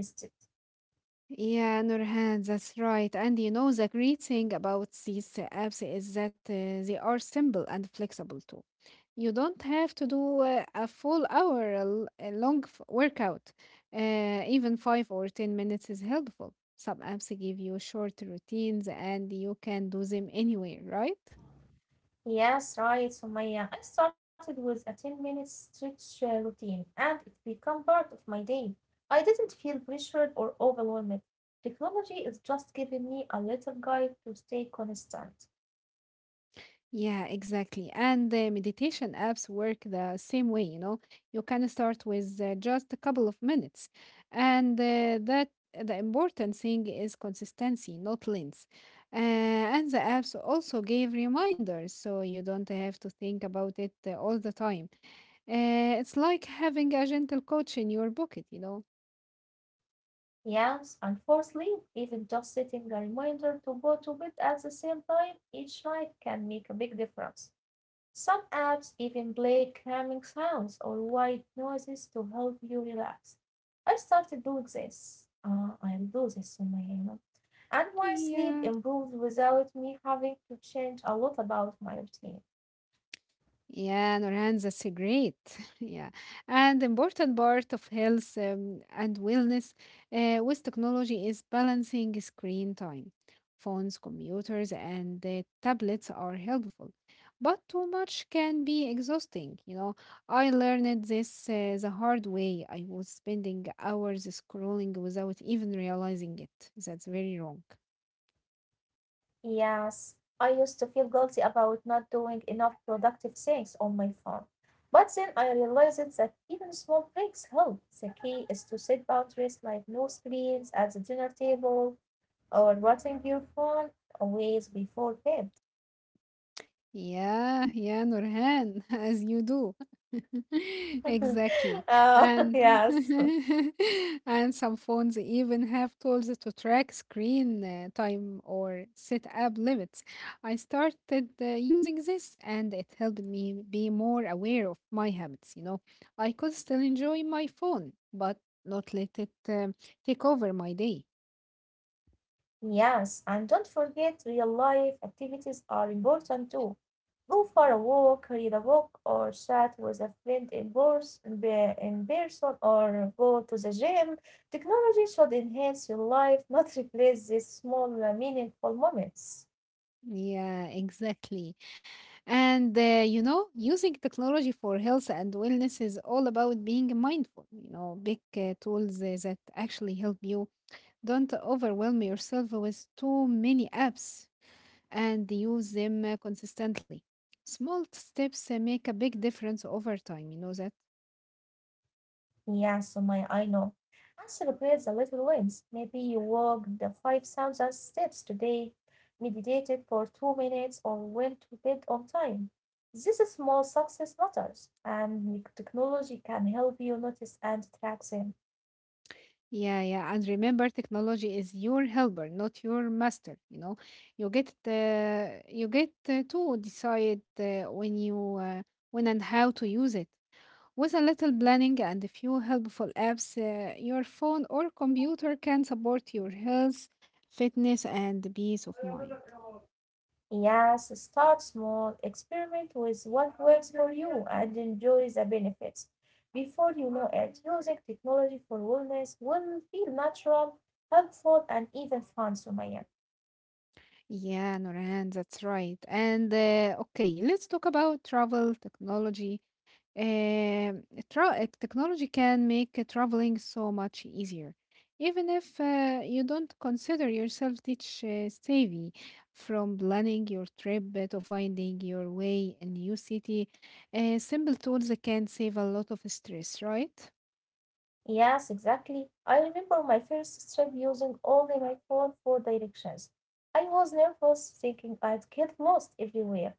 S2: Yeah, Nurhan, that's right. And you know, the great thing about these apps is that they are simple and flexible too. You don't have to do a full hour l- a long f- workout. Even five or 10 minutes is helpful. Some apps give you short routines and you can do them anywhere, right?
S1: Yes, right, Sumaya. I started with a 10-minute stretch routine and it became part of my day. I didn't feel pressured or overwhelmed. Technology is just giving me a little guide to stay constant.
S2: Yeah, exactly. And the meditation apps work the same way, you know. You can start with just a couple of minutes. And that The important thing is consistency, not length. And the apps also give reminders, so you don't have to think about it all the time. It's like having a gentle coach in your pocket, you know.
S1: Yes, and fourthly, even just setting a reminder to go to bed at the same time each night can make a big difference. Some apps even play calming sounds or white noises to help you relax. I started doing this. Ah, I'll do this on my own. And my sleep
S2: Yeah.
S1: improved without me having to change a lot about my routine.
S2: Yeah, Nurhan, that's a great. Yeah. And important part of health and wellness with technology is balancing screen time. Phones, computers, and tablets are helpful, but too much can be exhausting. You know, I learned this the hard way. I was spending hours scrolling without even realizing it. That's very wrong.
S1: Yes, I used to feel guilty about not doing enough productive things on my phone. But then I realized that even small breaks help. The key is to set boundaries like no screens at the dinner table or watching your phone always before bed.
S2: Yeah, yeah, Nurhan, as you do. Exactly.
S1: oh,
S2: And
S1: yes.
S2: and some phones even have tools to track screen time or set app limits. I started using this and it helped me be more aware of my habits, you know. I could still enjoy my phone, but not let it take over my day.
S1: Yes, and don't forget real life activities are important too. Go for a walk, read a book, or chat with a friend in person, in person, or go to the gym. Technology should enhance your life, not replace these small, meaningful moments.
S2: Yeah, exactly. And you know, using technology for health and wellness is all about being mindful. You know, big tools that actually help you. Don't overwhelm yourself with too many apps and use them consistently. Small steps make a big difference over time. You know that?
S1: Yeah, Sumaya, I know. And celebrate the little wins. Maybe you walked the 5,000 steps today, meditated for 2 minutes, or went to bed on time. This is small success matters, and the technology can help you notice and track them.
S2: Yeah, yeah. And remember, technology is your helper, not your master. You know, you get to decide when and how to use it. With a little planning and a few helpful apps, your phone or computer can support your health, fitness, and peace of mind.
S1: Yes, start small, experiment with what works for you, and enjoy the benefits. Before you know it, using technology for wellness will feel natural, helpful, and even fun, Sumaya.
S2: Yeah, Noran, that's right. And okay, let's talk about travel technology. Uh, Technology can make traveling so much easier. Even if you don't consider yourself teach savvy, from planning your trip to finding your way in new city, simple tools can save a lot of stress, right?
S1: Yes, exactly. I remember my first trip using only my phone for directions. I was nervous, thinking I'd get lost everywhere.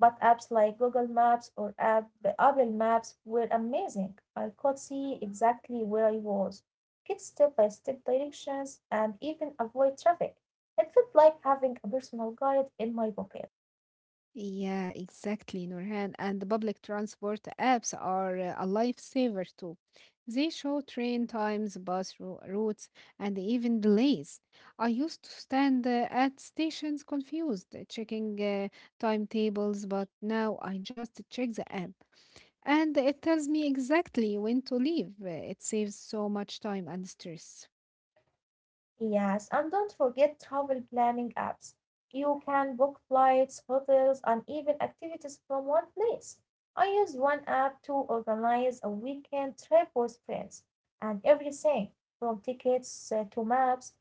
S1: But apps like Google Maps or App, Apple Maps were amazing. I could see exactly where I was, get step by step directions, and even avoid traffic. It felt like having a personal guide in my pocket.
S2: Yeah, exactly, Nurhan. And the public transport apps are a lifesaver too. They show train times, bus routes, and even delays. I used to stand at stations confused, checking timetables, but now I just check the app and it tells me exactly when to leave. It saves so much time and stress.
S1: Yes, and don't forget travel planning apps. You can book flights, hotels, and even activities from one place. I used one app to organize a weekend trip with friends, and everything from tickets to maps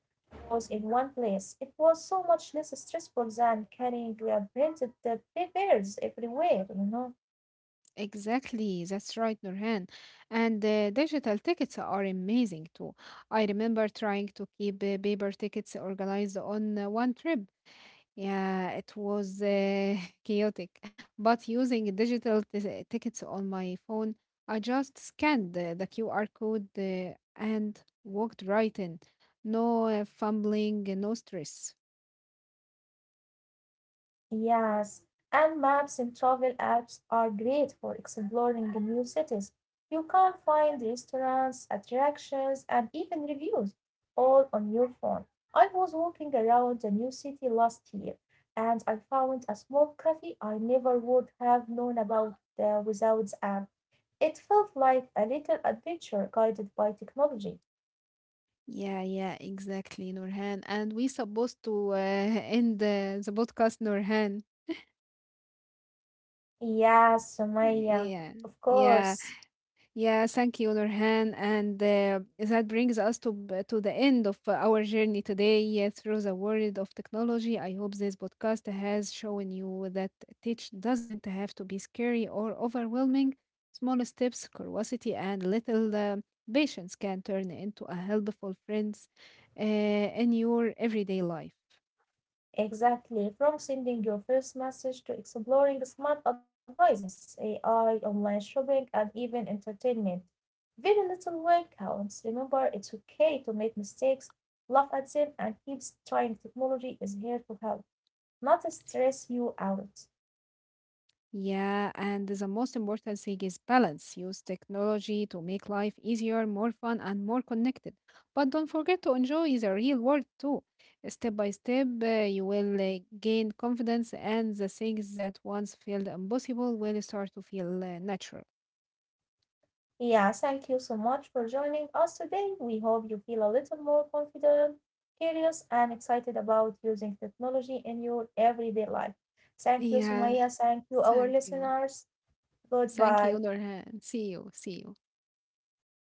S1: was in one place. It was so much less stressful than carrying printed papers everywhere, you know.
S2: Exactly, that's right, Nurhan. And digital tickets are amazing too. I remember trying to keep paper tickets organized on one trip. Yeah, it was chaotic. But using digital tickets on my phone, I just scanned the QR code and walked right in. No fumbling, no stress.
S1: Yes, and maps in travel apps are great for exploring new cities. You can find restaurants, attractions, and even reviews all on your phone. I was walking around a new city last year and I found a small cafe I never would have known about without the app. It felt like a little adventure guided by technology.
S2: Yeah, yeah, exactly, Nurhan. And we supposed to end the podcast, Nurhan.
S1: Yes, Sumaya,
S2: Yeah,
S1: of
S2: yeah,
S1: course.
S2: yeah. Thank you, Nurhan. And that brings us to to the end of our journey today through the world of technology. I hope this podcast has shown you that teach doesn't have to be scary or overwhelming. Small steps, curiosity, and little patience can turn into a helpful friends in your everyday life.
S1: Exactly. From sending your first message to exploring smart advices, AI, online shopping, and even entertainment. Very little work counts. Remember, it's okay to make mistakes, laugh at them, and keep trying. Technology is here to help, not to stress you out.
S2: Yeah, and the most important thing is balance. Use technology to make life easier, more fun, and more connected. But don't forget to enjoy the real world too. Step by step, you will gain confidence, and the things that once felt impossible will start to feel natural.
S1: Yeah, thank you so much for joining us today. We hope you feel a little more confident, curious, and excited about using technology in your everyday life. Thank you,
S2: Yeah,
S1: Sumaya. Thank you, our
S2: thank you.
S1: listeners.
S2: Thank
S1: Goodbye.
S2: you, Norhan. See you. See you.